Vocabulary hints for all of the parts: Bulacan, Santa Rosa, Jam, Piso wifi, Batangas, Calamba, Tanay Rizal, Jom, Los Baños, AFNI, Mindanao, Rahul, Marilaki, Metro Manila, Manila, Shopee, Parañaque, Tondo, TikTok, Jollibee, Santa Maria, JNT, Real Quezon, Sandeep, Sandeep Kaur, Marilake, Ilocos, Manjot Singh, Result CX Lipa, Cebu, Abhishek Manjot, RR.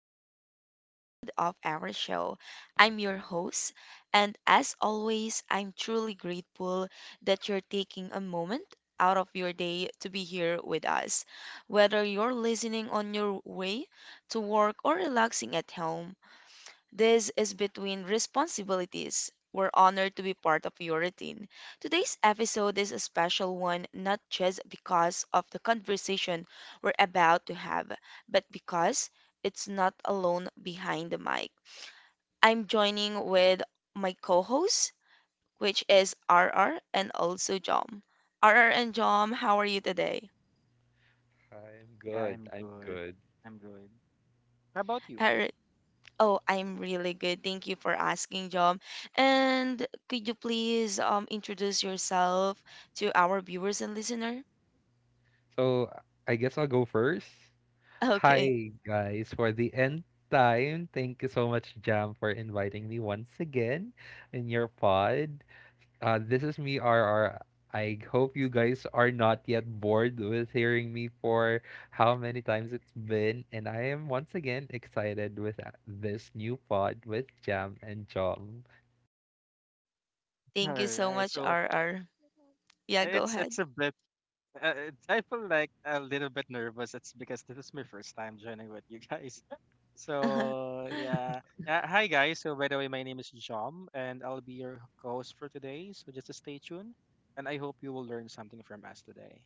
to another episode of our show. I'm your host, and as always, I'm truly grateful that you're taking a moment out of your day to be here with us. Whether you're listening on your way to work or relaxing at home, this is between responsibilities. We're honored to be part of your routine. Today's episode is a special one, not just because of the conversation we're about to have, but because it's not alone behind the mic. I'm joining with my co host, which is RR and also Jom. RR and Jom, how are you today? I'm Yeah, good. I'm I'm good. good. I'm good. How about you? All Oh, I'm really good. Thank you for asking, John. And could you please introduce yourself to our viewers and listener? So I guess I'll go first. Okay. Hi guys, for the end time. Thank you so much, Jam, for inviting me once again in your pod. This is me, RR. I hope you guys are not yet bored with hearing me for how many times it's been, and I am once again excited with this new pod with Jam and Jom. All Thank you so right. much, So R R. Yeah, go it's ahead. it's a bit. I feel like a little bit nervous. It's because this is my first time joining with you guys. So yeah. Hi guys. So by the way, my name is Jom, and I'll be your host for today. So just stay tuned, and I hope you will learn something from us today.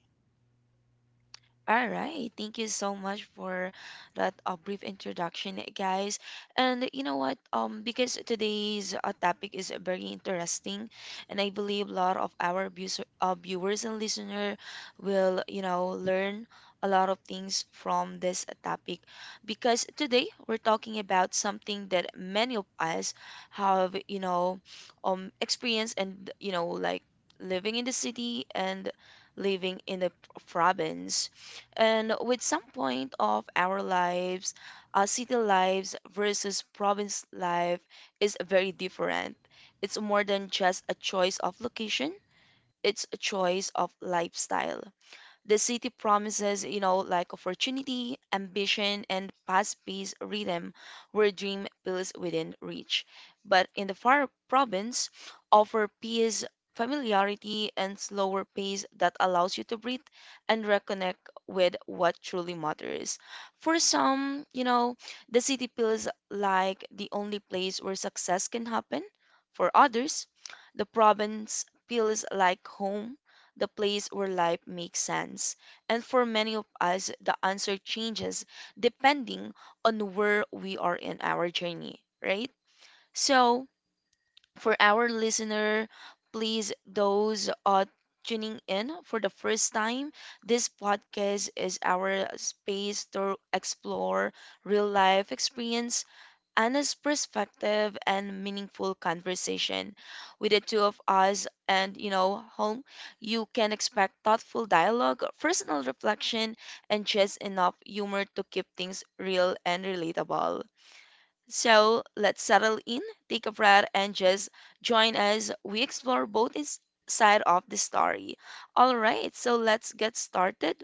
All right. Thank you so much for that brief introduction, guys. And you know what? Because today's topic is very interesting, and I believe a lot of our viewers and listener will, learn a lot of things from this topic. Because today we're talking about something that many of us have, experienced and like living in the city and living in the province and with some point of our lives, city lives versus province life is very different. It's more than just a choice of location, it's a choice of lifestyle. The city promises, like opportunity, ambition, and fast-paced rhythm where dream feels within reach. But in the far province, offer peace, familiarity, and slower pace that allows you to breathe and reconnect with what truly matters. For some, the city feels like the only place where success can happen. For others, the province feels like home the place where life makes sense. And for many of us, the answer changes depending on where we are in our journey, right? So, for our listener, please, those tuning in for the first time, this podcast is our space to explore real life experience, honest perspective, and meaningful conversation. With the two of us and home, you can expect thoughtful dialogue, personal reflection, and just enough humor to keep things real and relatable. So let's settle in, take a breath, and just join us we explore both side of the story. All right, so let's get started.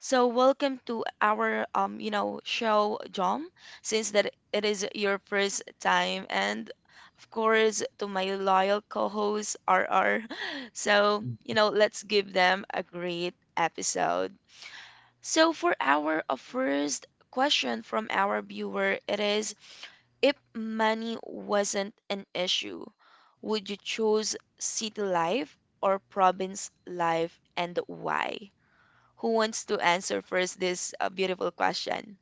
So welcome to our show, Jom, since that it is your first time, and of course to my loyal co-host RR. So, you know, let's give them a great episode. So for our first question from our viewer, it is if money wasn't an issue, would you choose city life or province life and why? Who wants to answer first this beautiful question?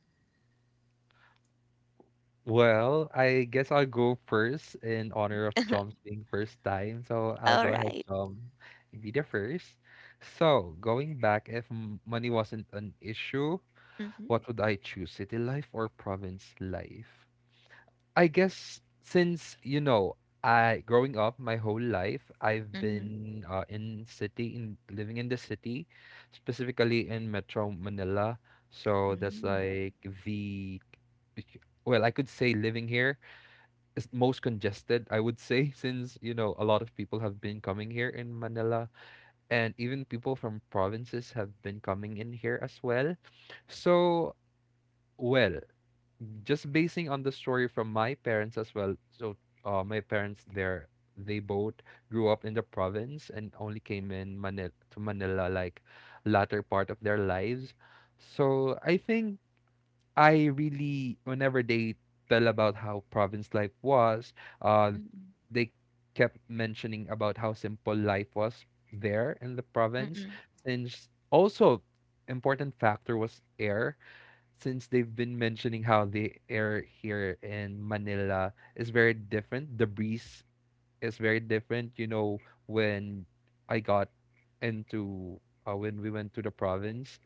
Well, I guess I'll go first in honor of Jom's being first time. So I'll All go ahead, right. Jom, and be the first. So going back, if money wasn't an issue, Mhm, what would I choose, city life or province life? I guess I growing up my whole life, I've mhm, been in living in the city, specifically in Metro Manila. So that's mhm, like the well, I could say living here is most congested, I would say, since you know a lot of people have been coming here in Manila, and even people from provinces have been coming in here as well. So, well, just basing on the story from my parents as well. So, my parents there, they both grew up in the province and only came in Manila to Manila like latter part of their lives. So, I think whenever they tell about how province life was, uh, mhm, they kept mentioning about how simple life was there in the province, mhm. since also important factor was air, since they've been mentioning how the air here in Manila is very different, the breeze is very different. You know, when I got into, when we went to the province,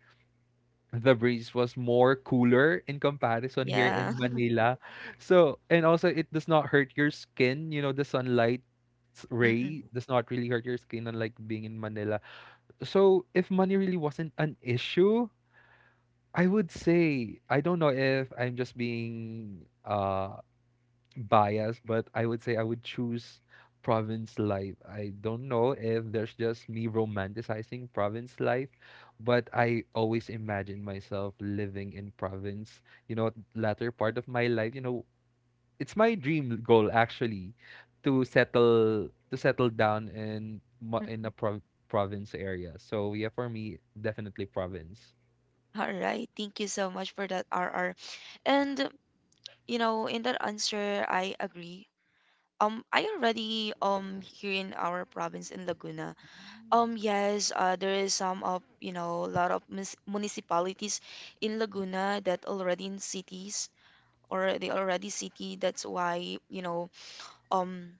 the breeze was more cooler in comparison here in Yeah. Manila. So, and also it does not hurt your skin, you know, the sunlight Mhm, ray does not really hurt your skin unlike being in Manila. So, if money really wasn't an issue, I would say I don't know if I'm just being bias, but I would say I would choose province life. I don't know if there's just me romanticizing province life, but I always imagine myself living in province, you know, latter part of my life, you know, it's my dream goal actually to settle down in a mhm. prov- province area. So yeah, for me, definitely province. All right. Thank you so much for that, RR. And you know, in that answer, I agree. I already here in our province in Laguna. Mm. Yes, there is some of a lot of municipalities in Laguna that already in cities or they already city. That's why you know um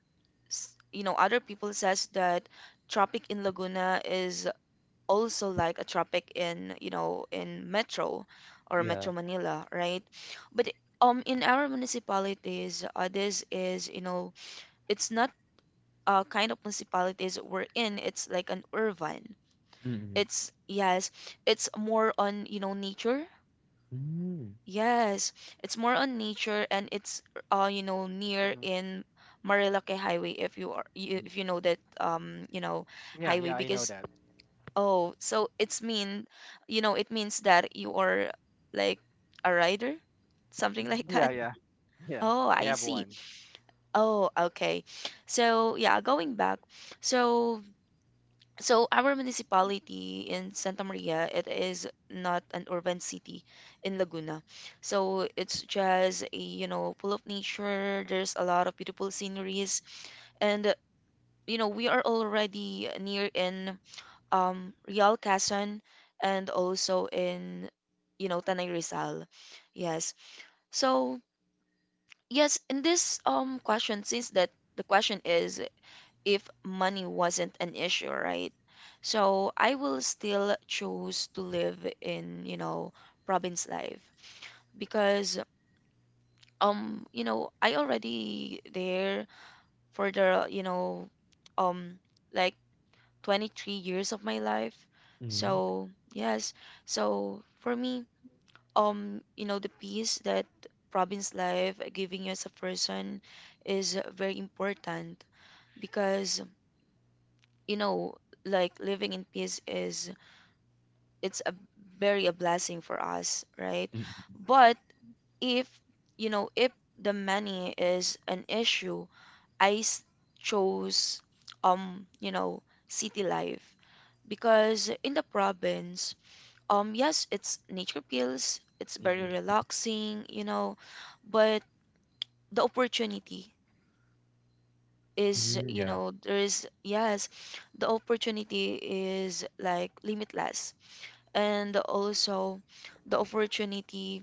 other people says that tropic in Laguna is also like a tropic in in Metro or Metro Yeah. Manila, right? But in our municipalities, this is it's not kind of municipalities we're in. It's like an urban. Mm-mm. It's yes, it's more on nature. Mm-mm. Yes, it's more on nature and it's you know near Mhm. in Marilake Highway if if you know that you know Yeah, highway yeah. I know because that. oh so it's mean it means that you are like a rider something like Mm-mm. Yeah, that. yeah, yeah. Oh, I I have see. one. Oh, okay. So yeah, going back. So our municipality in Santa Maria, it is not an urban city in Laguna. So it's just a full of nature. There's a lot of beautiful sceneries and we are already near in Real Quezon and also in Tanay Rizal. Yes. So, yes, in this question since that the question is if money wasn't an issue, right? So I will still choose to live in province life because I already there for theum like 23 years of my life. Mm-mm. So, yes. So for me, the peace that province life giving you as a person is very important because you know like living in peace is it's a very a blessing for us, right? But if if the money is an issue, I chose um you know city life because in the province, yes, it's nature pills, it's very Mm-mm. relaxing but the opportunity is Mhm, yeah. There is, yes, the opportunity is like limitless. And also the opportunity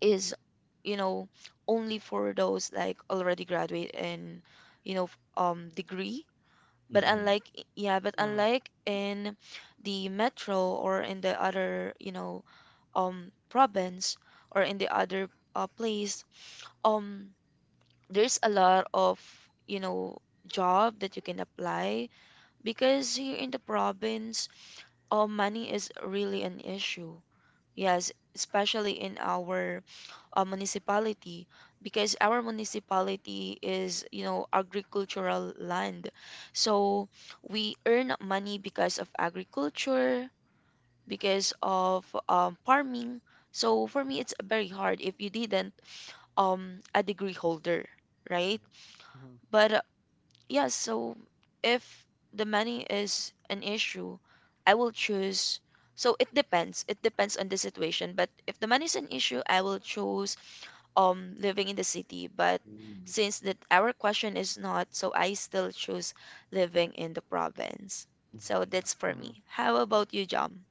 is you know only for those like already graduate in you know degree. But Mm-mm. unlike, yeah, but Mm-hmm. unlike in the metro or in the other province or in the other place, um there's a lot of you know job that you can apply because here in the province, money is really an issue. Yes, especially in our municipality, because our municipality is agricultural land. So we earn money because of agriculture, because of farming. So for me, it's very hard if you didn't a degree holder, right? Mm-hmm, But yeah, so if the money is an issue, I will choose. So it depends. It depends on the situation. But if the money is an issue, I will choose living in the city. But Mhm, since that our question is not, so I still choose living in the province. So mhm, that's for mm-hmm. me. How about you, Jom?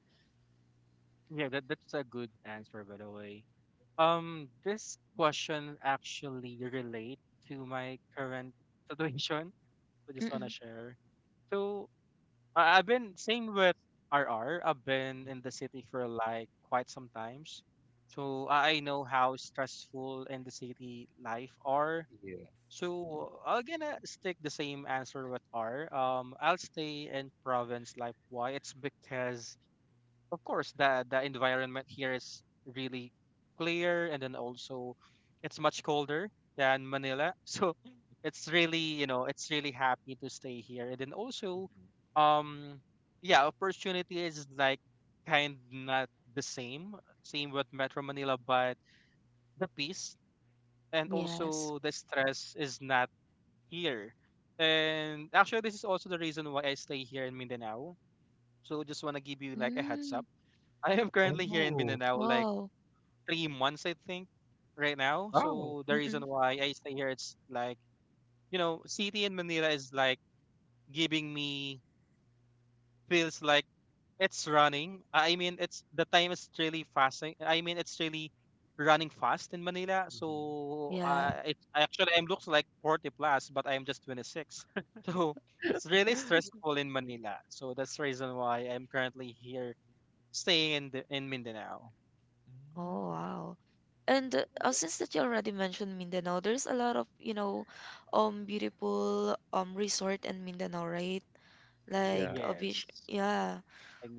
Yeah, that's a good answer, by the way. This question actually relate to my current situation. I just wanna Mm-mm. share. So I've been same with R have been in the city for like quite some times, so I know how stressful in the city life are. yes. So I'm gonna stick the same answer with R. I'll stay in province. Like why? It's because of course the environment here is really clear, and then also it's much colder than manila so it's really, you know, it's really happy to stay here, and then also Mhm. um yeah, opportunity is like kind not the same with metro manila, but the peace and Yes. also the stress is not here. And actually this is also the reason why I stay here in mindanao, so just want to give you like a heads Mm. up. I am currently here in Oh, Mindanao like Wow. 3 months, I think, right now. wow. So the Mm-mm. reason why I stay here, it's like, you know, city in Manila is like giving me feels like it's running. I mean, it's the time is really fasting. I mean, it's really running fast in Manila. Mhm. So Yeah. It actually I'm looks like 40 plus, but I'm just 26. So it's really stressful in Manila. So that's the reason why I'm currently here staying in in Mindanao. Oh, Mm-mm. wow. And since that you already mentioned Mindanao, there's a lot of, beautiful resort in Mindanao, right? Yeah. Like a beach. Yes. Yeah.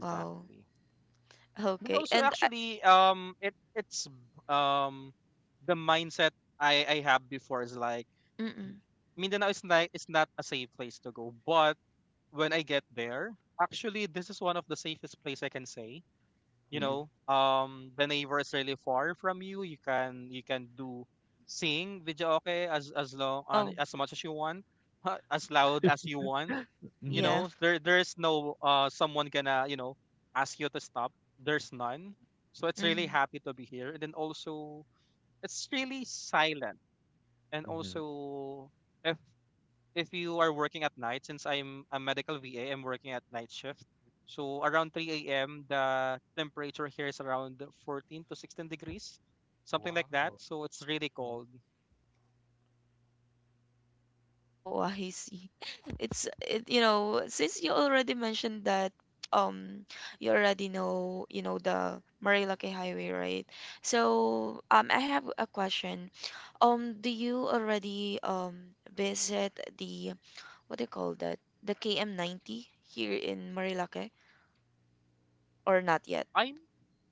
Wow. And Okay. also And I, actually it's um the mindset I have before is like mm-mm, Mindanao is like it's not a safe place to go, but when I get there, actually this is one of the safest place I can say, you mm, Mhm. know, the neighbor is really far from you. You can, you can do sing video, okay, as oh, as much as you want, as loud as you want. You Mm-hmm. yeah. know, there, there's no someone gonna, you know, ask you to stop. There's none. So it's really Mm-hmm. happy to be here, and then also it's really silent, and Mhm. also if if you are working at night, since I'm a medical VA, I'm working at night shift. So around 3 a.m., the temperature here is around 14 to 16 degrees, something Wow. like that. So it's really Mhm. cold. Oh, I see. It's it, you know, since you already mentioned that um you already know, the Marilake Highway, right? So, I have a question. Do you already visit the what do you call that? The KM 90 here in Marilake or not yet? I'm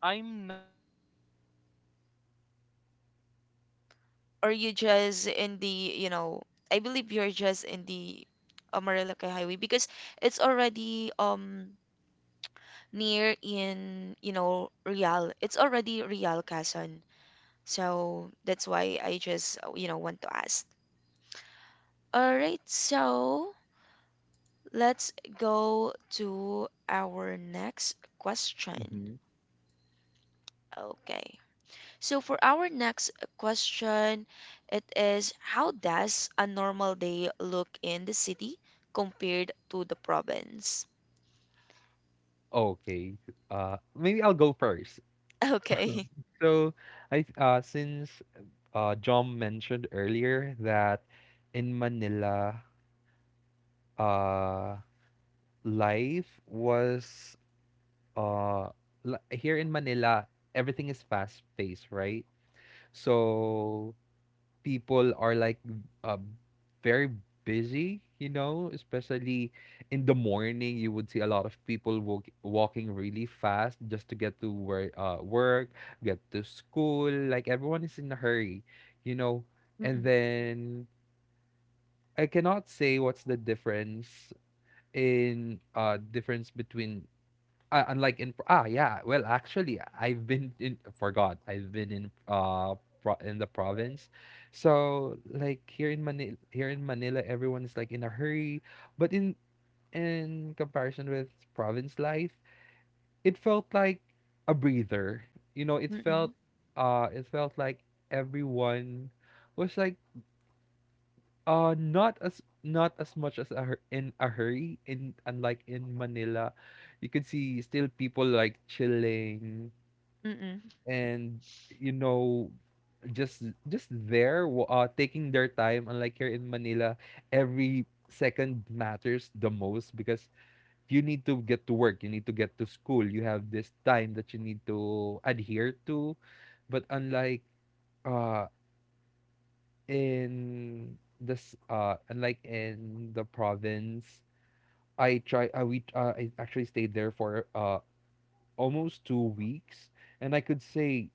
I'm not quite sure, but I've been into Marilaki multiple Or you times. It's just because in the, that's you one of know, the I favorite believe you're just in places if you the are a rider. Marilake Highway because So it's I'm not sure if already I've been there. near in Real. It's already Real Quezon. So that's why I just want to ask. All right, so let's go to our next question. Mm-hmm. Okay. So for our next question, it is how does a normal day look in the city compared to the province? Okay. Maybe I'll go first. Okay. So, since John mentioned earlier that in Manila, uh, life was uh here in Manila, everything is fast paced, right? So people are like uh, very busy, you know, especially in the morning. You would see a lot of people walking really fast just to get to where work, get to school. Like everyone is in a hurry, you know. And Mm-mm, then I cannot say what's the difference in difference between unlike in ah yeah, well actually I've been in forgot I've been in pro in the province, so here in Manila everyone is like in a hurry, but in comparison with province life, it felt like a breather. You know, mm-mm, it felt like everyone was like, not as not as much as a, hur- in a hurry. In unlike in Manila, you could see still people like chilling mm-mm, and you know just just taking their time. Unlike here in Manila, every second matters the most because you need to get to work, you need to get to school, you have this time that you need to adhere to. But uh unlike in the province, I try we I actually stayed there for almost 2 weeks, and i could say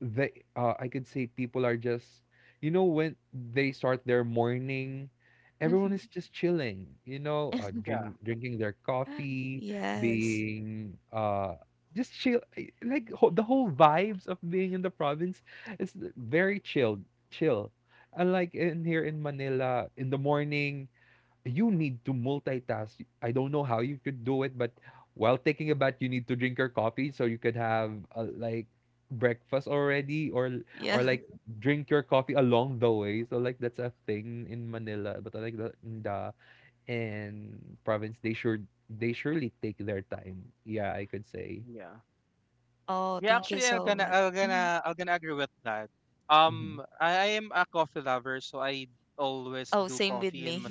they uh, I could say people are just, you know, when they start their morning, everyone is just chilling, you know, uh, mm-hmm. drink, drinking their coffee, Yes. being just chill, the whole vibes of being in the province is very chill unlike in here in Manila. In the morning you need to multitask. I don't know how you could do it, but while taking a bath, you need to drink your coffee so you could have, like, breakfast already, Yeah. or like drink your coffee along the way. So like that's a thing in Manila, but like the in province, they surely take their time. Yeah, I could say. Oh, thank you so much. Mhm. Mm-hmm. Oh, same with me.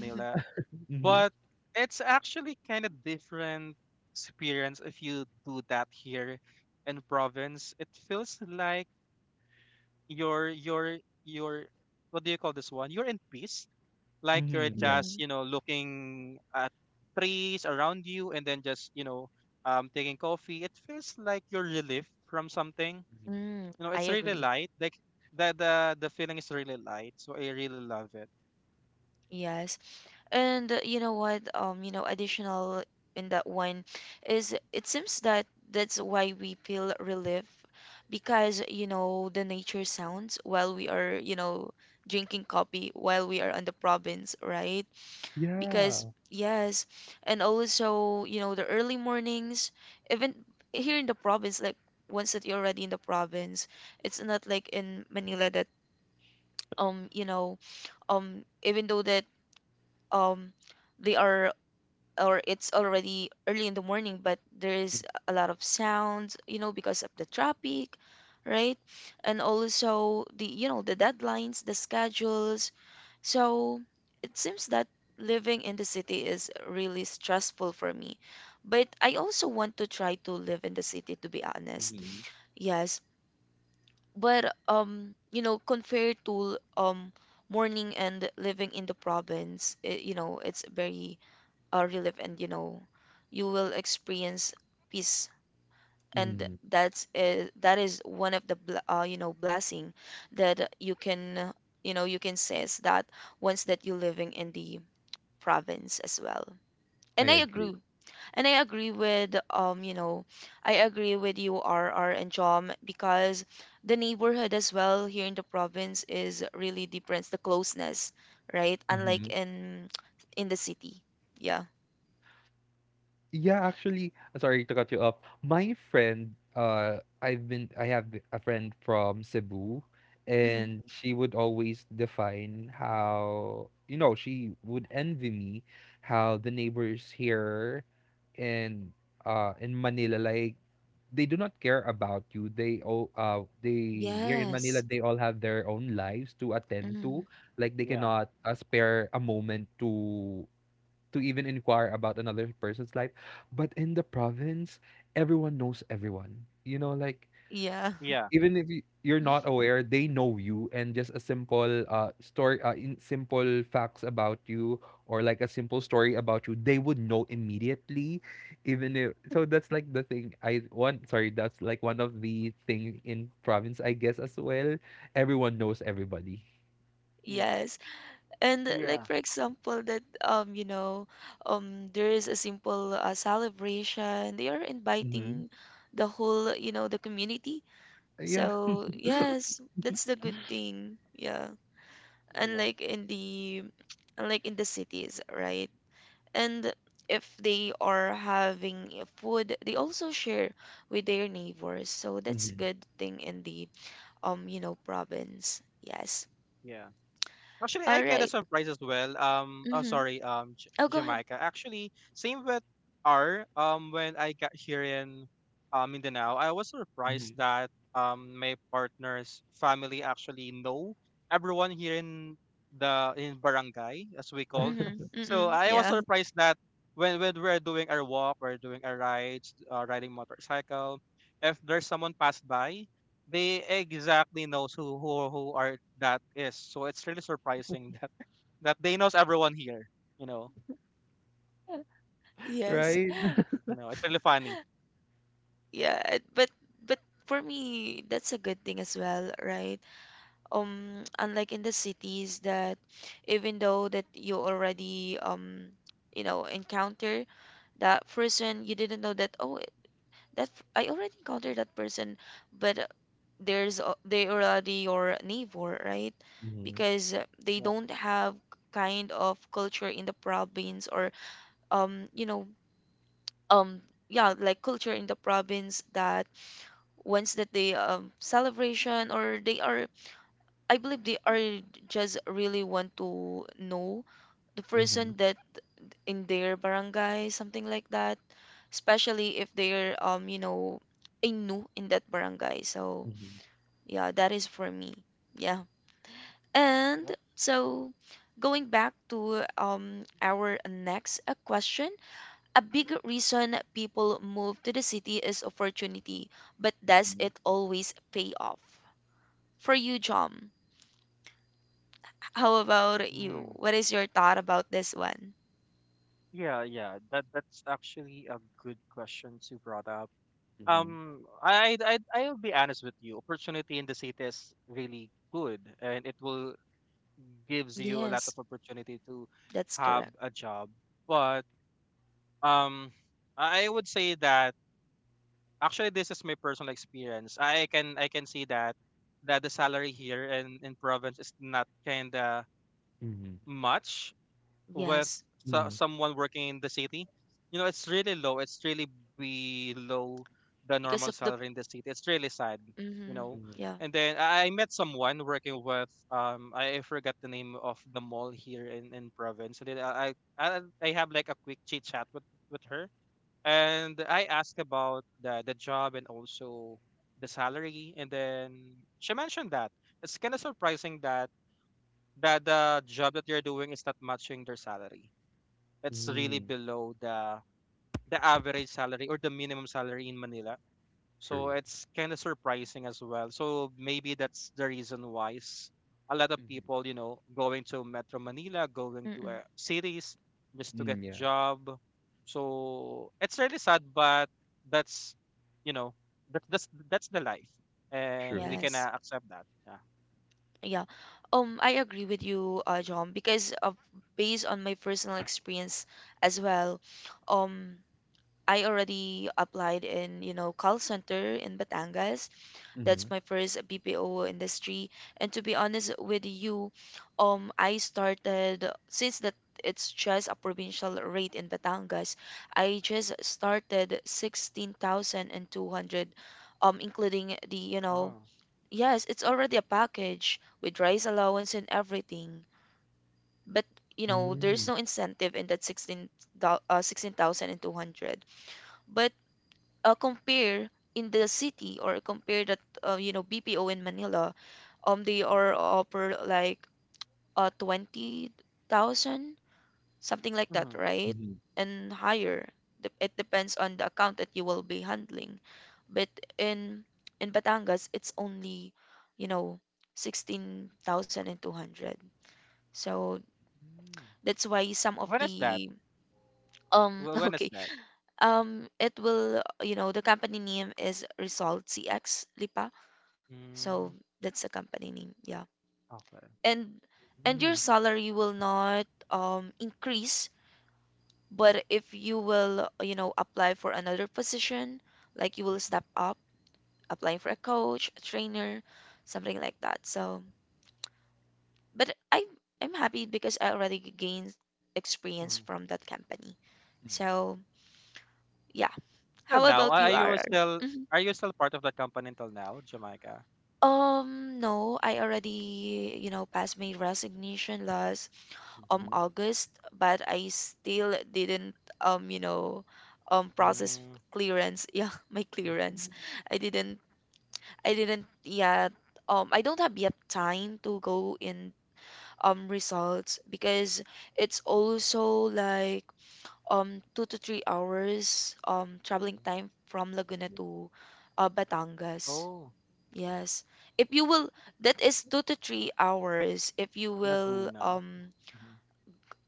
Mm-hmm. Mm-hmm. Yeah. hmm. Mm, I agree. Yes. And you know what? Additional in that one is it seems that that's why we feel relief because the nature sounds while we are, drinking coffee while we are on the province, right? Yeah. Because yes, and also the early mornings, even here in the province, like once that you're already in the province, it's not like in Manila that um you know even though that um they are or it's already early in the morning, but there is a lot of sounds because of the traffic, right? And also the the deadlines, the schedules. So it seems that living in the city is really stressful for me. But I also want to try to live in the city, to be honest, Mm-hmm. yes. But you know, compared to morning and living in the province, it it's very relief. And you will experience peace. And Mm, that's that is one of the blessing that you can you can sense that once that you're living in the province as well. I And I agree. agree. And I agree with you know I agree with you, R R and John, because the neighborhood as well here in the province is really different, the closeness, right? Unlike Mm-hmm. in the city. Yeah. Yeah, actually, sorry to cut you off. My friend, I have a friend from Cebu, and she would always define how, you know, she would envy me how the neighbors here in in Manila, like they do not care about you. They here in Manila, Yes. they all have their own lives to attend Mm. to. Like they cannot spare a moment to even inquire about another person's life. But in the province, everyone knows everyone. You know, like, Yeah. even if you, you're not aware, they know you, and just a simple story, in simple facts about you, or like a simple story about you, they would know immediately. Even if so, that's like the thing. I want. Sorry, that's like one of the thing in province, I guess as well. Everyone knows everybody. Yes. And like for example that there is a simple celebration. They are Mm-hmm. inviting the whole, the community. Yeah. So, yes, that's the good thing. Yeah. Unlike in the unlike in the cities, right? And if they are having a food, they also share with their neighbors. So that's Mm-hmm. good thing in the. You know province. Yes. All right. Mm-hmm. Oh, go ahead. Mm-hmm. Mm-hmm. Mm-mm. Yeah. Yes. Right. Yeah, but for me, that's a good thing as well, right? Unlike in the cities that even though that you already encounter that person, you didn't know that oh, I already encountered that person, but they already your neighbor, right? Mm-hmm. Because they don't have kind of culture in the province or um you know um yeah, like culture in the province that once that they celebration or they are I believe they are just really want to know the Mm-hmm. person that in their barangay, something like that, especially if they're a new in that barangay. So yeah, that is for me, yeah. And so, Going back to our next question, a big reason people move to the city is opportunity, but does Mm-hmm. it always pay off? For you, John, how about you? What is your thought about this one? Mm-hmm. Yes, that's correct. Mm-hmm. Yes, Mm-hmm. because of the. Mm-hmm, Mm-hmm. yeah. Mm-hmm. True. Mm-hmm. Mm-mm, Mm, yeah. True. yes. Yeah. I agree with you, John, because of based on my personal experience as well, um, I already applied in, you know, call center in Batangas. Mm-hmm. That's my first BPO industry. And to be honest with you, I started since that it's just a provincial rate in Batangas, I just started 16,200, including the, you know, yes, it's already a package with rice allowance and everything. But you know, Mm-hmm. there's no incentive in that 16, thousand 16,200. But compare in the city or compare that you know, BPO in Manila, they are offer like 20,000 something like that, right? Mm-hmm. And higher. It depends on the account that you will be handling. But in in Batangas, it's only, you know, 16,200. So that's why some of the um okay, it will you know the company name is Result CX Lipa. So that's the company name. Yeah. And and your Mm-hmm. salary will not increase. But if you will, you know, apply for another position, like you will step up, applying for a coach, a trainer, something like that. So, but I I'm happy because I already gained experience from that company. So, yeah. How about you, R? R? Mhm. No, I already, you know, passed my resignation last Mm-hmm. August, but I still didn't process clearance. Yeah, my clearance. I didn't I didn't yet I don't have yet time to go in results because it's also like 2 to 3 hours traveling time from Laguna to Batangas. Yes. If you will that is 2 to 3 hours if you will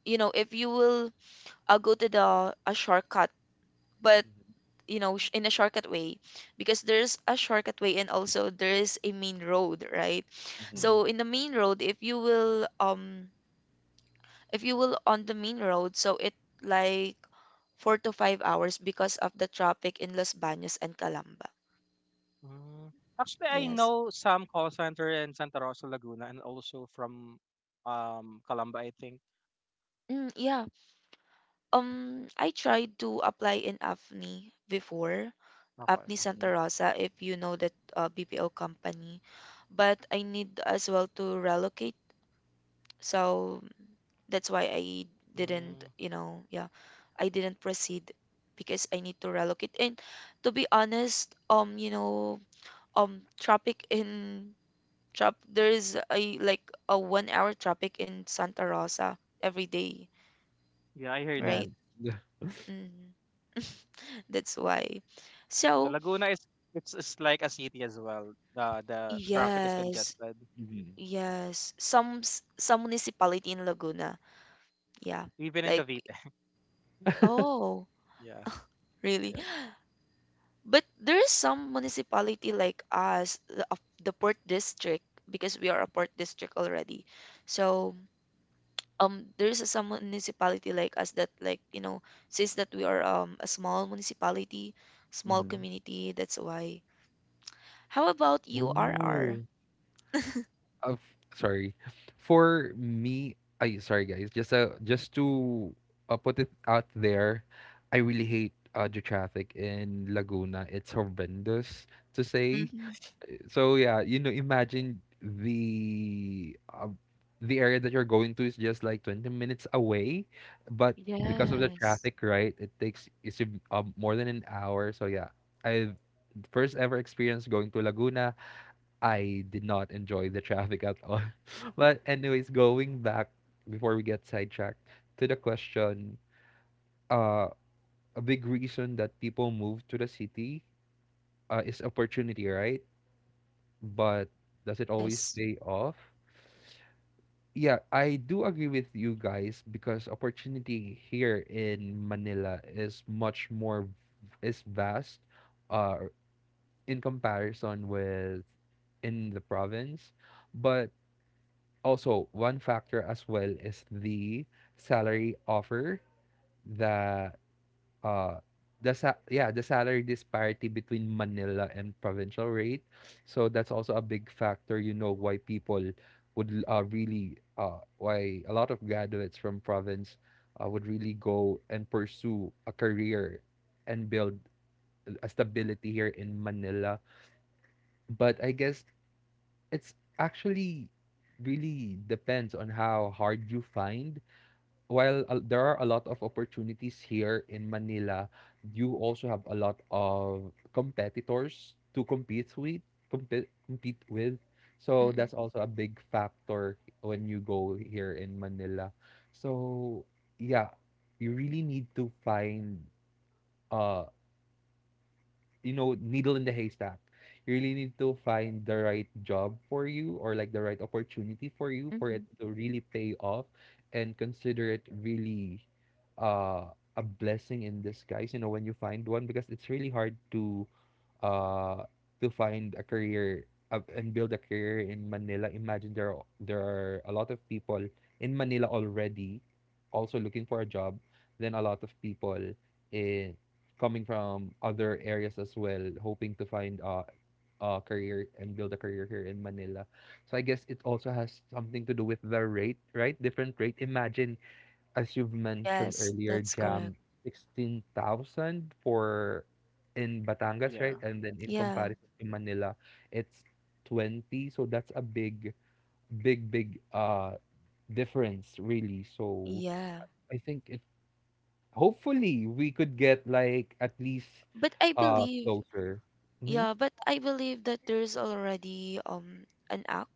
you know if you will I'll go to the a shortcut, but you know, in a shortcut way, because there's a shortcut way and also there is a main road, right? Mm-hmm. Mm-hmm. So in the main road, if you will on the main road, so it like 4 to 5 hours because of the traffic in Los Baños and Calamba. Yes. Mm, yeah. I tried to apply in AFNI before, AFNI Santa Rosa, if you know that BPO company. But I need as well to relocate. So that's why I didn't, you know, yeah, I didn't proceed because I need to relocate. And to be honest, traffic in trap there is a like a 1 hour traffic in Santa Rosa every day, right? Mm-hmm. Yeah. Mm. That's why. So, Yeah. yes, Mm-hmm. yes, some some municipality in Laguna. Yeah. Like, oh, really? But there is some municipality like us, the, of the port district, because we are a port district already. So there is some municipality like us that like you know since that we are a small municipality, small Mm-hmm. community. That's why. How about you, RR? Oh. of Sorry. For me, I sorry guys. Just to put it out there, I really hate the traffic in Laguna. It's horrendous to say. Mm-hmm. So yeah, you know, imagine the area that you're going to is just like 20 minutes away, but because of the Yes. traffic, right, it takes more than an hour. So yeah, I first ever experience going to Laguna. I did not enjoy the traffic at all. But anyways, going back before we get sidetracked to the question, uh, a big reason that people move to the city is opportunity, right? But does it always Yes. pay off? Yeah, I do agree with you guys because opportunity here in Manila is much more is vast uh in comparison with in the province. But also one factor as well is the salary offer that uh the sa- yeah the salary disparity between Manila and provincial rate, so that's also a big factor, you know, why people would, really why a lot of graduates from province would really go and pursue a career and build a stability here in Manila. But I guess it's actually really depends on how hard you find. While there are a lot of opportunities here in Manila, you also have a lot of competitors to compete with, compete with. So that's also a big factor when you go here in Manila. So yeah, you really need to find, uh you know, needle in the haystack, you really need to find the right job for you or like the right opportunity for you for Mm-hmm. it to really pay off and consider it really uh a blessing in disguise, you know, when you find one, because it's really hard uh to find a career and build a career in Manila. Imagine there are a lot of people in Manila already also looking for a job, then a lot of people eh, coming from other areas as well, hoping to find, a career and build a career here in Manila. So I guess it also has something to do with the rate, right? Different rate. Imagine as you've mentioned Yes, earlier, that's correct. Jam, 16,000 for in Batangas, right? And then in Yeah. comparison to Manila, it's 20. So that's a big difference, really. So Yeah. I think it, hopefully we could get like at least But I believe closer. Mm-hmm. Yeah, but I believe that there's already an act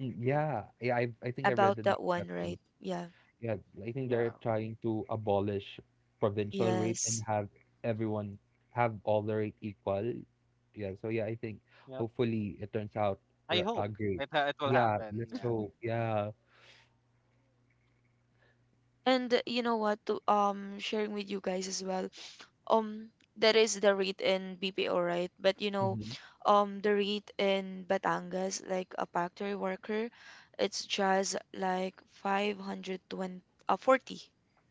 Mm, yeah. Yeah, I think I read about that that that one, too. right? Yeah. Yeah, I think they're trying to abolish provincial rate and Yes. have everyone have all the rate equal. Yeah, so yeah, I think hopefully it turns out great. Yeah, let's hope. Yeah. And you know what? To sharing with you guys as well. Um, that is the rate in BPO, right? But you know, Mm-hmm. The rate in Batangas, like a factory worker, it's just like 520 40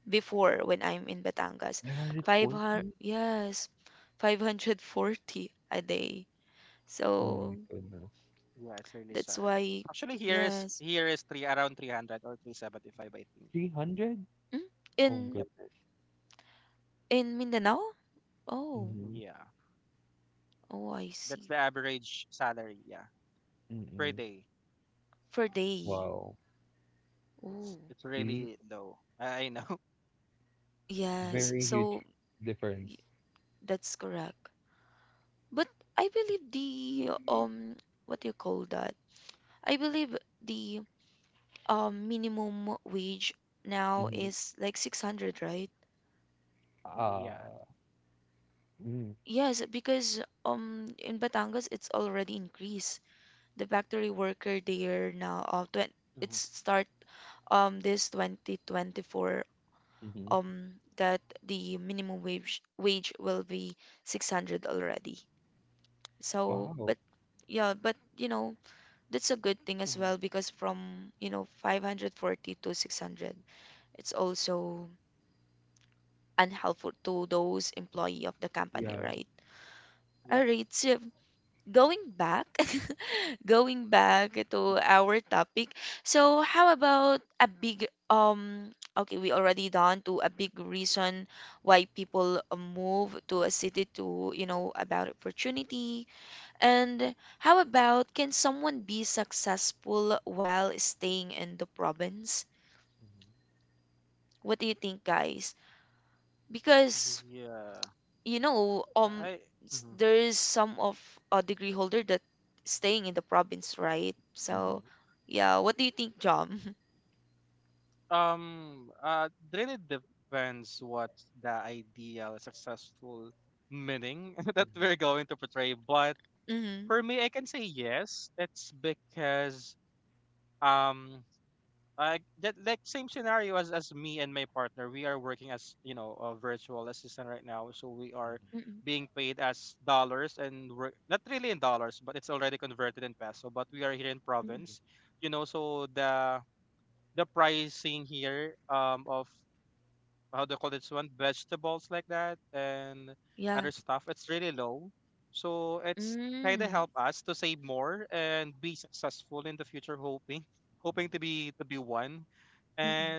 before when I'm in Batangas. 500 940? yes, 540 a day. Oh my So goodness. that's why, yes. 300? Mm? Oh In goodness. in Mindanao? Oh, Mm-hmm. oh, I see. Mm-mm. For day. Wow. Oh, See, yes. very So huge difference. y- that's correct. But I believe the what do you call that? I believe the minimum wage now Mm-hmm. is like 600, right? Uh, mm, Yes, because in Batangas it's already increased. The factory worker there now it's start this 2024 mm-hmm. That the minimum wage will be 600 already, so but Wow. yeah, but you know that's a good thing as well because from you know 540 to 600 it's also unhelpful to those employee of the company, Yeah. right? All right, so going back, going back to our topic. So how about a big okay, we already done to a big reason why people move to a city to, you know, about opportunity. And how about can someone be successful while staying in the province? Mm-hmm. What do you think, guys? Because you know, um, there is some of a degree holder that staying in the province, right? Mm-hmm. So, yeah, what do you think, Jom? Mm-hmm. Mm-hmm. Mm-mm. Mm-mm. Yeah. Mm. Mm-mm.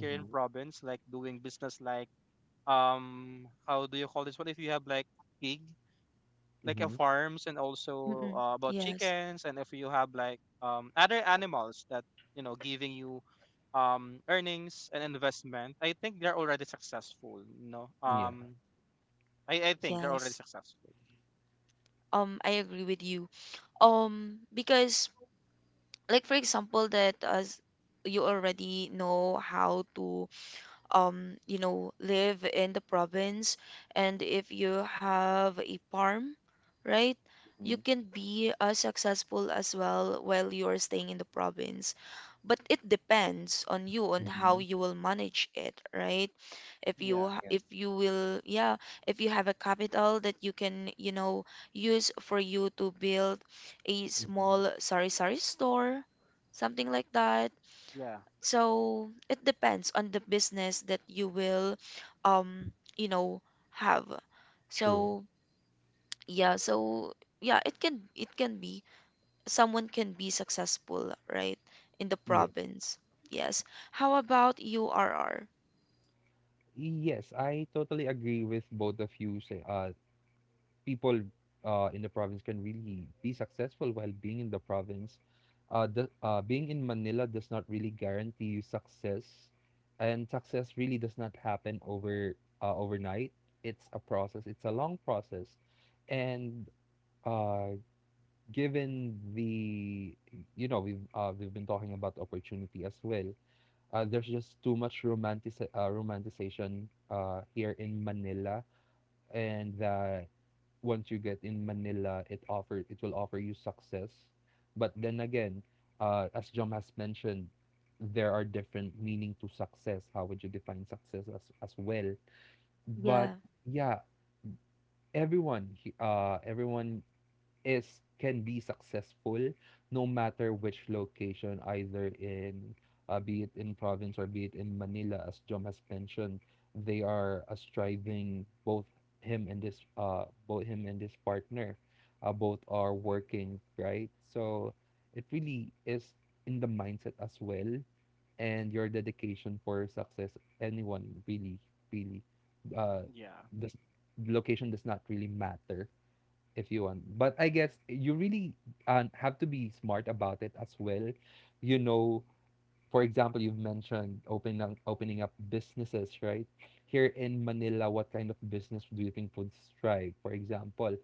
Mm-hmm. Mm-hmm. Mm-mm. Yes. Yeah. Yes. I agree with you. Because like for example that as you already know how to you know, live in the province, and if you have a farm, right, you Mm-hmm. can be as successful as well while you are staying in the province. But it depends on you on how Mm-hmm. you will manage it, right? Yeah. If you will, yeah, if you have a capital that you can, you know, use for you to build a Mm-hmm. small sari sari store, something like that, so it depends on the business that you will, you know, have. True. So yeah, so yeah, it can be someone can be successful, right, in the Yes. province. Yes. How about URR? Yes, I totally agree with both of you. Say, people, in the province can really be successful while being in the province. The Being in Manila does not really guarantee you success, and success really does not happen over overnight. It's a process. It's a long process, and uh, given the we've been talking about opportunity as well. There's just too much romanticization here in Manila, and that once you get in Manila, it will offer you success. But then again, as John has mentioned, there are different meaning to success. How would you define success as well? But Yeah. yeah, everyone is can be successful, no matter which location, either in be it in province or be it in Manila. As Jom has mentioned, they are striving. Both him and his partner, both are working, right? So it really is in the mindset as well, and your dedication for success. Anyone really, really, uh, this location does not really matter if you want. But I guess you really have to be smart about it as well. You know, for example, you've mentioned opening up businesses, right? Here in Manila, what kind of business do you think would thrive? For example,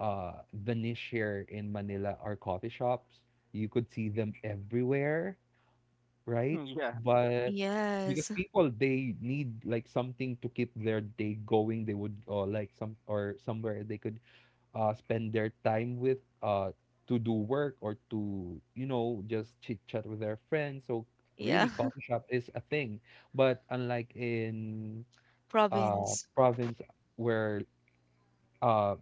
the niche here in Manila are coffee shops. You could see them everywhere, right? But because Yes. people, they need like something to keep their day going, they would, or like somewhere they could spend their time with, to do work or to, you know, just chit chat with their friends. So really, Yeah. coffee shop is a thing. But unlike in Province. province, where uh,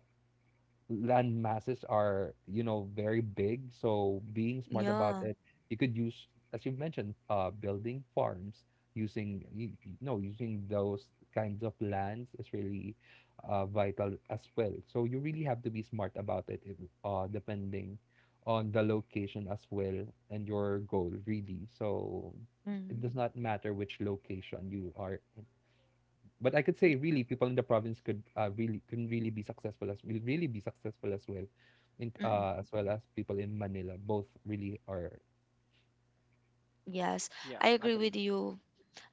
land masses are, you know, very big. So being smart about Yeah. it, you could use, as you've mentioned, building farms, using, you know, using those kinds of lands is really vital as well. So you really have to be smart about it, depending on the location as well, and your goal, really. So it Mm. does not matter which location you are, but I could say Y- really people in the province could really can really be successful as well, Mm. As well as people in Manila. Both really are. Yes, I agree with you.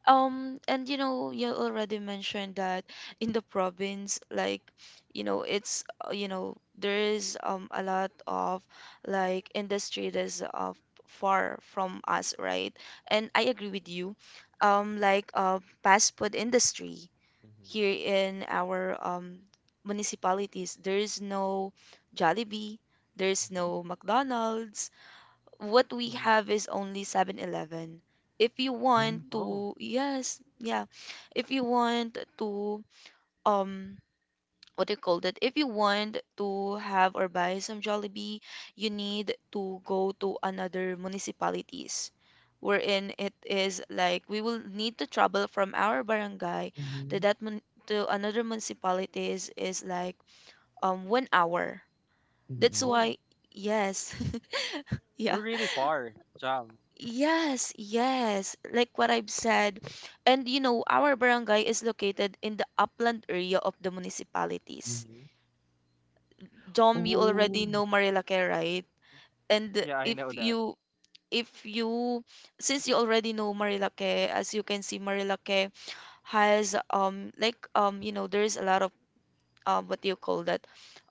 And you know, you already mentioned that in the province, like, you know, there is a lot of like industry that's far from us, right? And I agree with you. Like fast food industry here in our municipalities, there is no Jollibee, there's no McDonald's, what we have is only 7-Eleven. If you want Mm-hmm. to, yes, yeah. If you want to, um, what do you call that? If you want to have or buy some Jollibee, you need to go to another municipalities. Wherein it is like we will need to travel from our barangay to that mun to another municipalities is like 1 hour. Mm-hmm. That's why yes, yeah. Yes, yes. Like what I've said. And you know, our barangay is located in the upland area of the municipalities. Mm-hmm. Dom, you already Oh. know Marilaque, right? And if you since you already know Marilaque, as you can see, Marilaque has like you know there's a lot of what do you call that?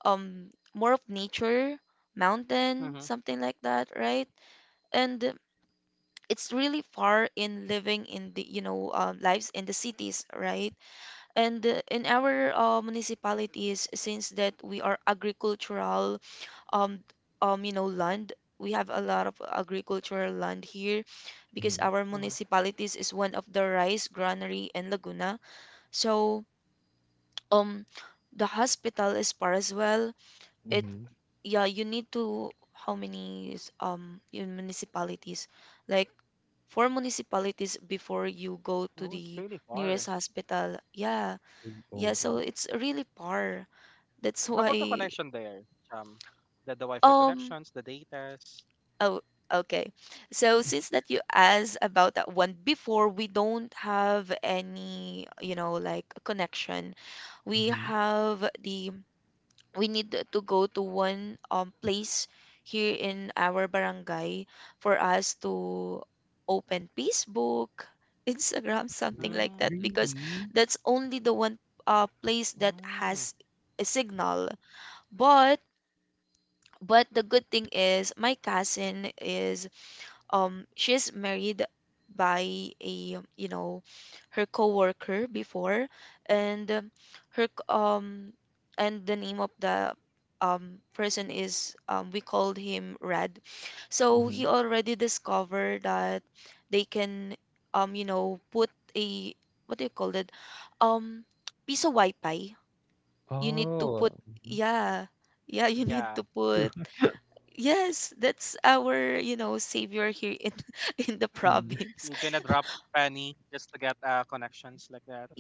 Um, more of nature, mountain, something like that, right? And it's really far in living in the you know lives in the cities, right? And in our municipalities since that we are agricultural um you know land, we have a lot of agricultural land here because Mm-hmm. our municipalities is one of the rice granary in Laguna. So um the hospital is far as well. It Mm-hmm. yeah, you need to how many is, in municipalities? Like four municipalities before you go to the nearest hospital. Yeah. Oh, Yeah, good. so it's really far. That's why um oh, okay. So since that you asked about that one before, we don't have any, you know, like connection. We Mm-hmm. have the we need to go to one place here in our barangay for us to open Facebook, Instagram, something like that because Really? that's only the one place that has a signal. But but the good thing is my cousin is she's married by a you know her coworker before and her c- um and the name of the person is we called him Red. So he Mm-hmm. already discovered that they can put a what do you call it? Um piece of Wi-Fi. You need to Oh. put Mm-hmm. yeah. Yeah, you need to put. Yes, that's our, you know, savior here in in the Yeah. province.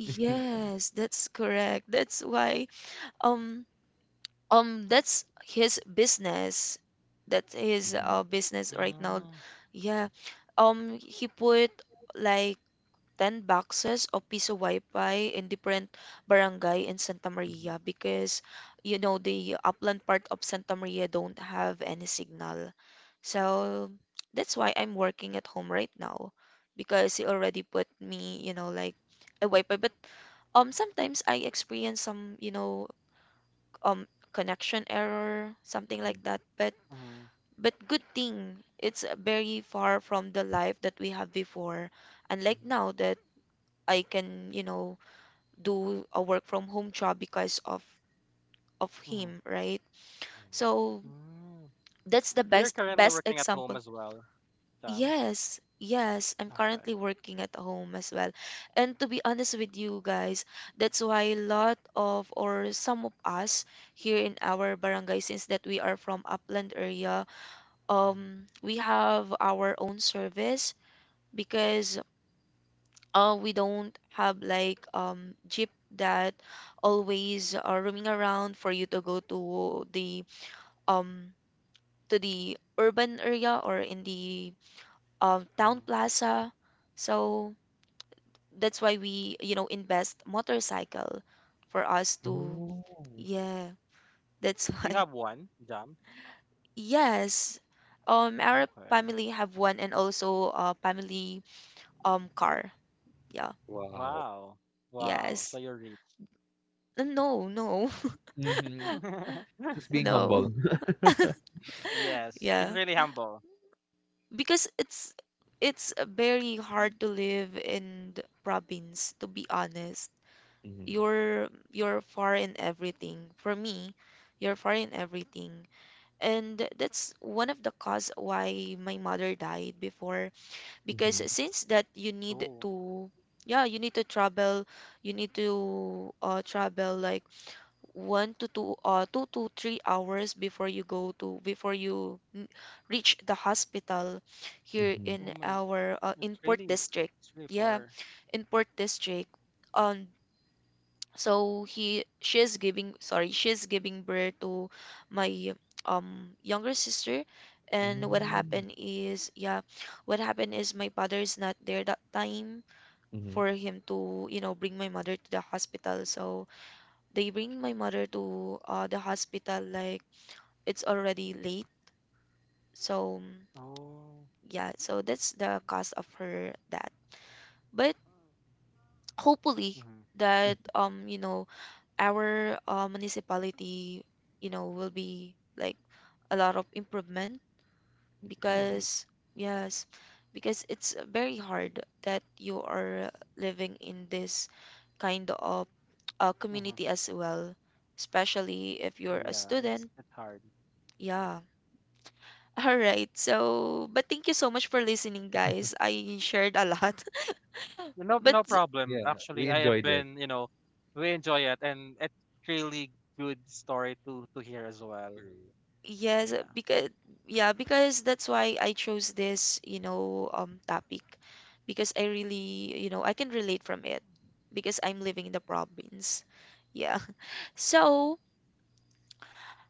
Yes, that's correct. That's why um that's his business. That's his business right now. Yeah. Um, he put like 10 boxes of piso wifi in different barangay in Santa Maria because you know the upland part of Santa Maria don't have any signal. So that's why I'm working at home right now because he already put me, you know, like a wifi. But sometimes I experience some, um connection error, something like Mm-hmm. that. But good thing it's very far from the life that we have before. Unlike now that I can, you know, do a work from home job because of him, right? So that's the best example. Yes, yes, I'm currently working at home as well. And to be honest with you guys, that's why a lot of or some of us here in our barangay, since that we are from upland area, Mm-hmm. we have our own service because we don't have like jeep that always are roaming around for you to go um to the urban area or in the town plaza, so that's why we, you know, invest motorcycle for us to, Oh. yeah, that's why, yes, our family have one, and also family car, yeah, Wow. yes. No Mm-hmm. He's being humble. no, yeah, because it's very hard to live in the province, to be honest. Mm-hmm. You're far in everything. For me, you're far in everything, and that's one of the cause why my mother died before, because Mm-hmm. since that you need to, yeah, you need to travel, you need to travel like one to two 2 to 3 hours before you go to reach the hospital here Mm-hmm. in our in Port District. Yeah, in Port District. Um, so he she is giving, sorry, she is giving birth to my younger sister, and what happened is, yeah, what happened is my father is not there that time Mm-hmm. for him to, you know, bring my mother to the hospital. So they bring my mother to, the hospital like it's already late, so yeah, so that's the cause of her that, but hopefully that, you know, our municipality, you know, will be like a lot of improvement, Mhm. because, yes, because it's very hard that you are living in this kind of community as well, especially if you're a student, yeah. All right. So, but thank you so much for listening, guys. I shared a lot. But Yeah, we enjoyed it. True. yes, because, yeah, because that's why I chose this, you know, topic, because I really, you know, I can relate from it because I'm living in the province. Yeah. So,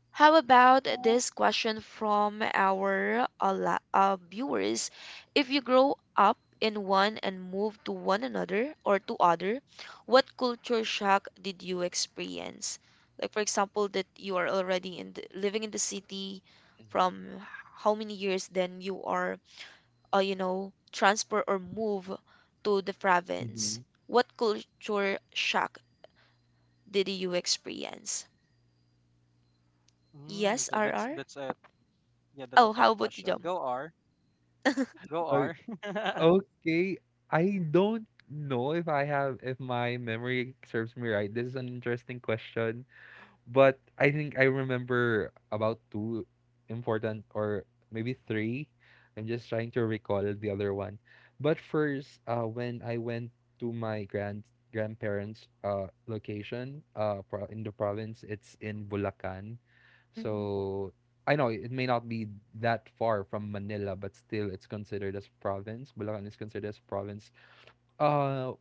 how about this question from our viewers? If you grow up in one and move to one another or to other, what culture shock did you experience? Like for example, that you are already in the, living in the city Mhm. from how many years, then you are, you know, transfer or move to the province. Mhm. What culture shock did you experience? Yes, RR. Oh, how about you, Jom? Oh, okay. I don't know if I have, if my memory serves me right. This is an interesting question. But I think I remember about two important, or maybe three. I'm just trying to recall the other one. But first, when I went to my grand grandparents' location, in the province. It's in Bulacan. Mhm. So I know it may not be that far from Manila, but still it's considered as province. Bulacan is considered as province. Uh,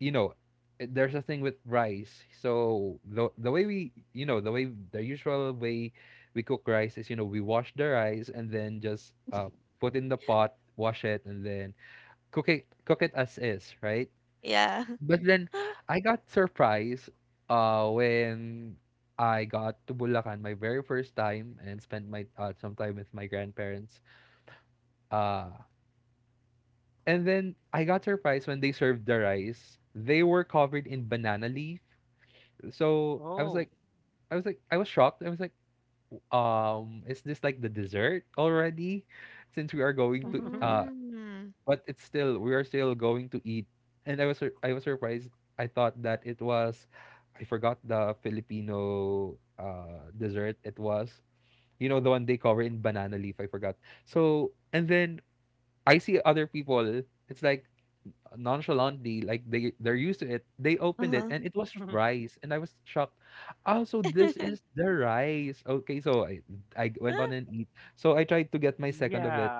you know, there's a thing with rice. So the way we, you know, the way, the usual way we cook rice is, you know, we wash the rice and then just put in the pot, wash it, and then cook it as is, right? Yeah. But then I got surprised when I got to Bulacan my very first time and spent my, some time with my grandparents. Uh and then I got surprised when they served the rice. They were covered in banana leaf, so I was like, I was shocked. I was like, is this like the dessert already? Since we are going to, Mm. but it's still we are still going to eat. And I was I was surprised. I thought that it was, I forgot the Filipino dessert. It was, you know, the one they cover in banana leaf. I forgot. So and then I see other people. It's like nonchalantly, like they're used to it. They opened it Uh-huh. and it was rice, and I was shocked. Oh, so this is the rice, okay. So I went on and eat. So I tried to get my second of it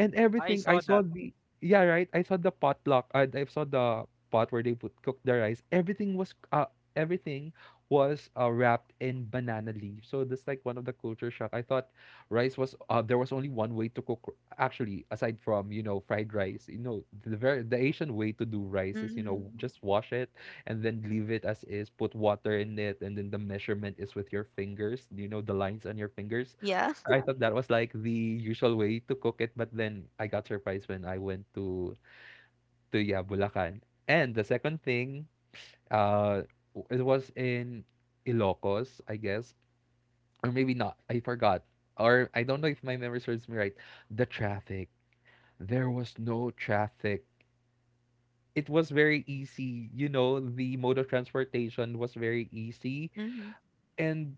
and everything. I saw the, yeah right, I saw the potluck. I saw the pot where they put cook the rice. Everything was wrapped in banana leaf. So that's like one of the culture shock. I thought rice was, there was only one way to cook actually, aside from, you know, fried rice. You know, the very, the Asian way to do rice is, you Mhm. know, just wash it and then leave it as is, put water in it, and then the measurement is with your fingers, you know, the lines on your fingers. Yeah. I thought that was like the usual way to cook it, but then I got surprised when I went to yeah, Bulacan. And the second thing, it was in Ilocos, I guess, or maybe not. I forgot, or I don't know if my memory serves me right. The traffic. There was no traffic. It was very easy. You know, the mode of transportation was very easy, Mhm. and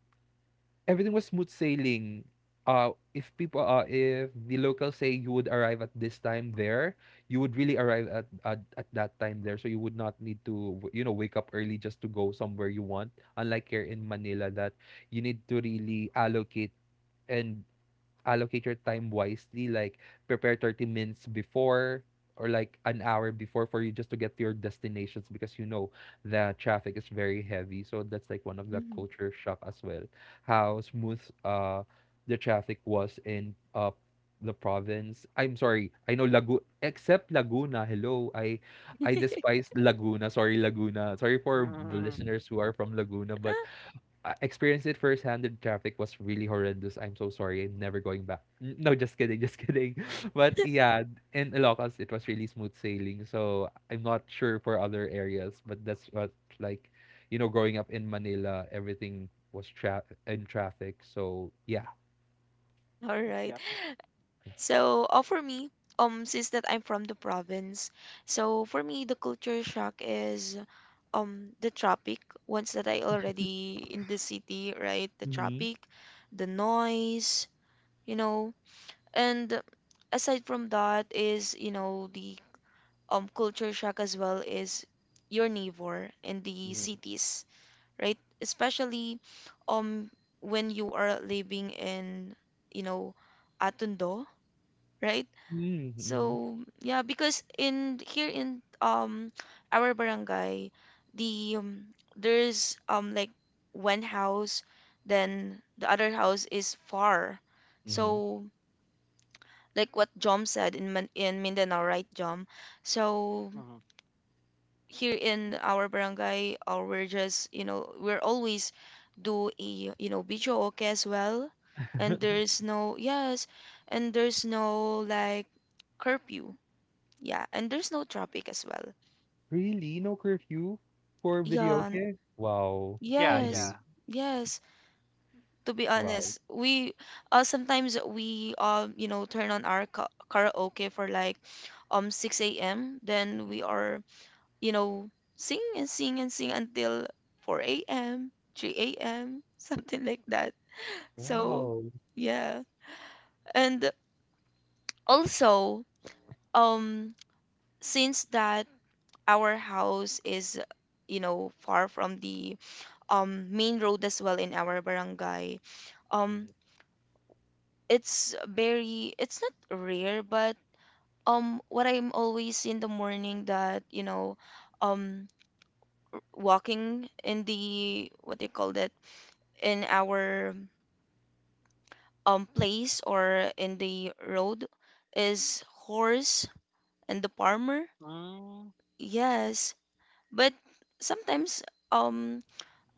everything was smooth sailing. If people, if the locals say you would arrive at this time there, you would really arrive at that time there. So you would not need to, you know, wake up early just to go somewhere you want. Unlike here in Manila, that you need to really and allocate your time wisely, like prepare 30 minutes before, or like an hour before, for you just to get to your destinations. Because you know the traffic is very heavy, so that's like one of the Mhm. culture shock as well, how smooth the traffic was in the province. I'm sorry, I know lagu except Laguna, hello. I despise Laguna. Sorry, Laguna, sorry for the listeners who are from Laguna. But I experienced it firsthand. The traffic was really horrendous. I'm so sorry. I'm never going back. No, just kidding, just kidding. But yeah, in Ilocos it was really smooth sailing. So I'm not sure for other areas, but that's what, like, you know, growing up in Manila, everything was tra in traffic. So yeah. All right. So, for me, since that I'm from the province, so for me, the culture shock is the traffic. Once that I already in the city, right? The Mm-hmm. traffic, the noise, you know, and aside from that is, you know, the culture shock as well is your neighbor in the Mhm. cities, right? Especially um when you are living in, you know, Atundo, right? Mm-hmm. So yeah, because in here in our barangay, the there's like one house, then the other house is far. Mm-hmm. So like what Jom said in Mindanao, right, Jom? So here in our barangay or we're just, you know, we're always do a, you know, BJOK as well, and there's no, yes, and there's no like curfew, yeah, and there's no traffic as well, Really? No curfew for video yeah n- game? Wow. yes, Envy. yes, to be Wow. honest, we sometimes we you know turn on our karaoke for like 6 a.m., then Mhm. we are, you know, sing and sing and sing until 4 a.m., 3 a.m., something like that. So, Wow. yeah. And also, um, since that our house is, you know, far from the main road as well in our barangay, um, it's very, it's not rare, but what I'm always in the morning that, you know, um, walking in the, what do you call that? In our place or in the road is horse and the farmer. Yes, but sometimes um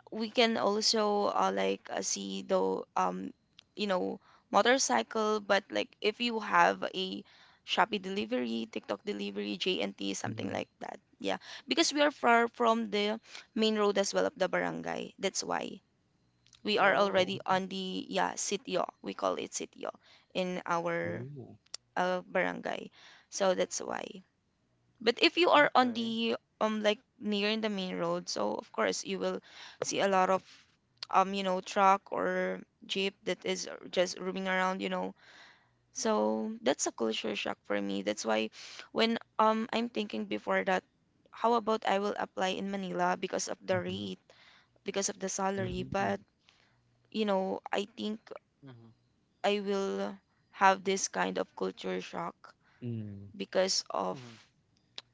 we can also, like, see the you know motorcycle, but like if you have a Shopee delivery, TikTok delivery, JNT, something Mm. like that. Yeah, because we are far from the main road as well of the barangay. That's why. We are already on the, yeah, sitio, we call it sitio in our Mm-hmm. Barangay, so that's why. But if you are on the like near in the main road, so of course you will see a lot of you know truck or jeep that is just roaming around, you know, so that's a culture shock for me. That's why when I'm thinking before that, how about I will apply in Manila because of the Mhm. rate, because of the salary, but, Mm. you know, I think I will have this kind of culture shock Mm. because of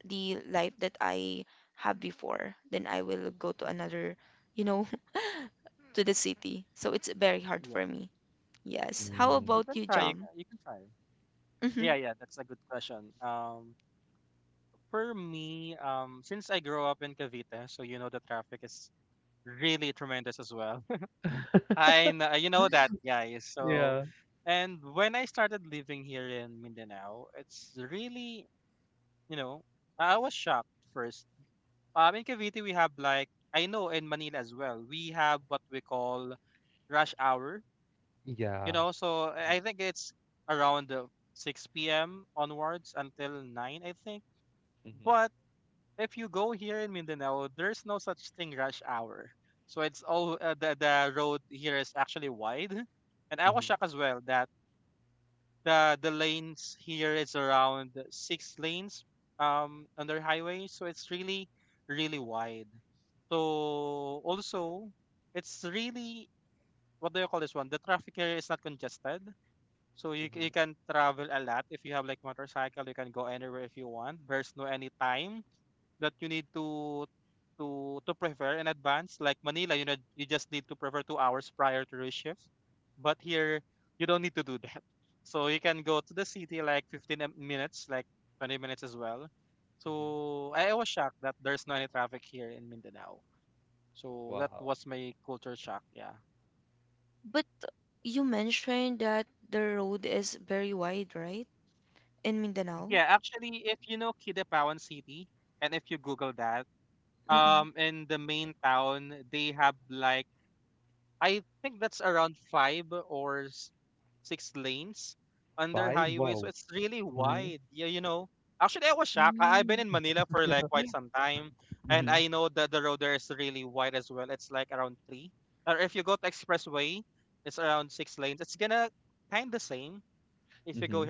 the life that I have before, then I will go to another, you know, to the city. So it's very hard for me. Yes. How Mm. about you, Jom? Hmm. Yeah. Yeah. Mhm. Mhm. Mhm. Mhm. Wow. But you mentioned that the road is very wide, right? In Mindanao? Mm-mm. Five? Wow. Mm-hmm. Mm. Mm-hmm. Mm-hmm.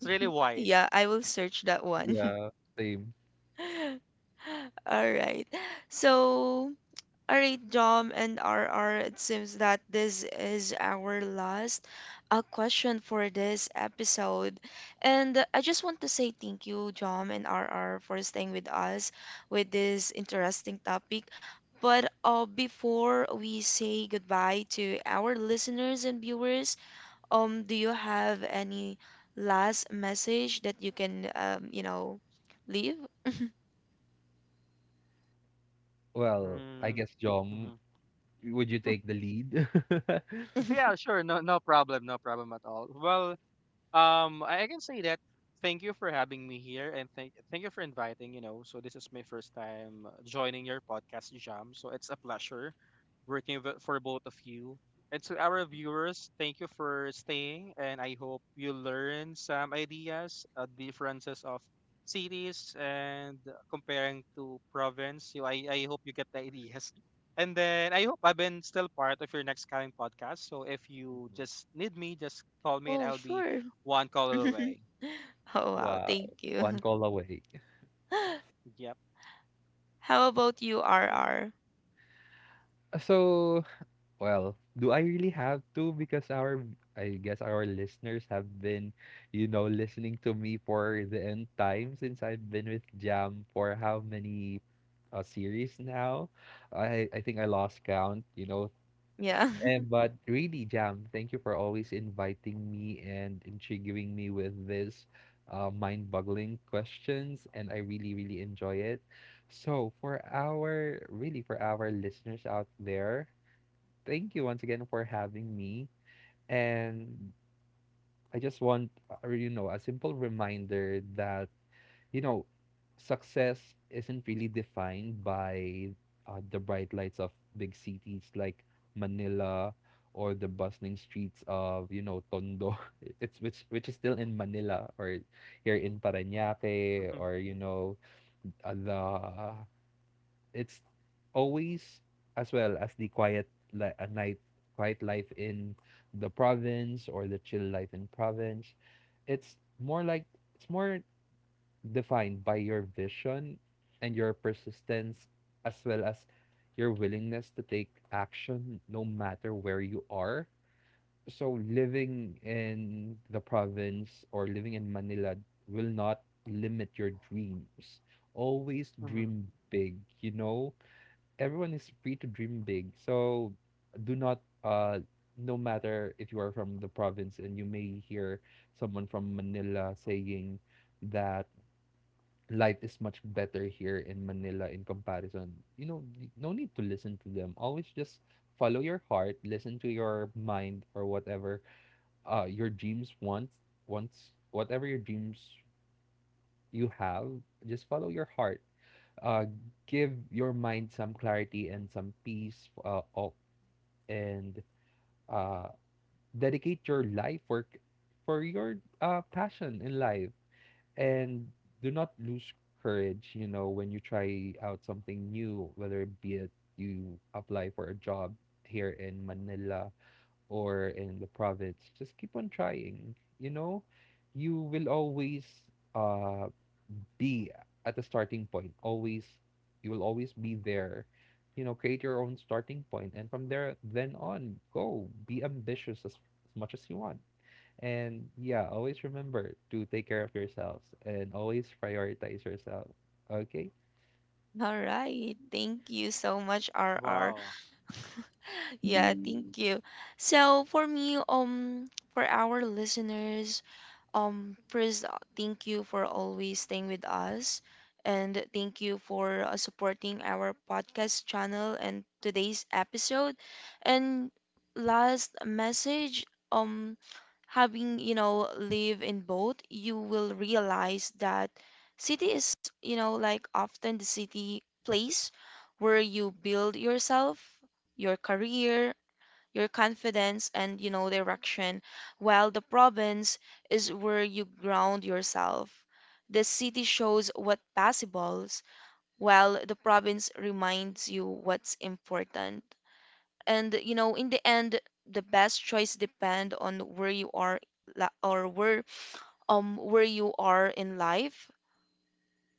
Yeah, I will search that one. Yeah. Same. All right. So, all right, Dom and RR, it seems that this is our last question for this episode. And I just want to say thank you, Dom and RR, for staying with us with this interesting topic. But before we say goodbye to our listeners and viewers, do you have any last message that you can, you know, leave? Well, I guess Jom, would you take the lead? Mhm. Oh, sure. Oh, wow. Wow. Thank you. One call away. How about you, R R? So, well, do I really have to? Because our, I guess our listeners have been, you know, listening to me for the end time since I've been with Jam for how many series now? I think I lost count, you know. Yeah. And, but really, Jam, thank you for always inviting me and intriguing me with this mind-boggling questions. And I really, really enjoy it. So really for our listeners out there, thank you once again for having me. And I just want, you know, a simple reminder that, you know, success isn't really defined by the bright lights of big cities like Manila, or the bustling streets of, you know, Tondo. It's which is still in Manila, or here in Parañaque, or, you know, the it's always, as well as the quiet li- a night quiet life in the province, or the chill life in province. It's more like, it's more defined by your vision and your persistence, as well as your willingness to take action no matter where you are. So living in the province or living in Manila will not limit your dreams. Always dream big, you know, everyone is free to dream big. So do not, no matter if you are from the province, and you may hear someone from Manila saying that life is much better here in Manila in comparison. You know, no need to listen to them. Always just follow your heart, listen to your mind, or whatever your dreams want. Once whatever your dreams you have, just follow your heart. Uh give your mind some clarity and some peace, of and uh, dedicate your life for your passion in life. And do not lose courage, you know, when you try out something new, whether it be it you apply for a job here in Manila or in the province. Just keep on trying. You know, you will always uh be at the starting point. Always you will always be there. You know, create your own starting point, and from there then on, go be ambitious as much as you want. And yeah, always remember to take care of yourselves and always prioritize yourself. Okay? All right. Thank you so much, R R. Yeah, thank Mhm. you. So for me, for our listeners, first, thank you for always staying with us, and thank you for supporting our podcast channel and today's episode. And last message, having, you know, live in both, you will realize that city is, you know, like often the city place where you build yourself, your career, your confidence, and, you know, direction, while the province is where you ground yourself. The city shows what possibles, while the province reminds you what's important. And, you know, in the end, the best choice depend on where you are, or where, where you are in life.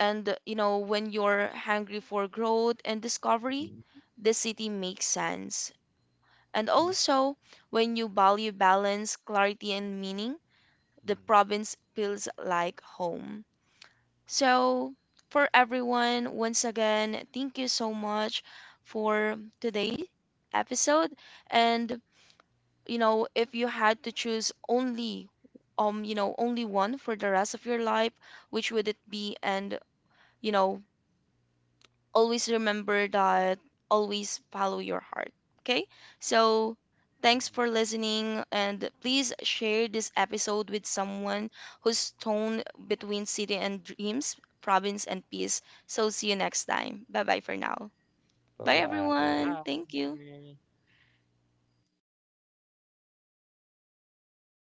And, you know, when you're hungry for growth and discovery, Mhm. the city makes sense. And also, when you value balance, clarity, and meaning, the province feels like home. So, for everyone, once again, thank you so much for today episode. And, you know, if you had to choose only, you know, only one for the rest of your life, which would it be? And, you know, always remember that always follow your heart. Okay? So, thanks Agree. for listening. And please share this episode with someone who's torn between city and dreams, province and peace. So, see you next time. Bye bye for now. Bye, Bye-bye. everyone. Thank you.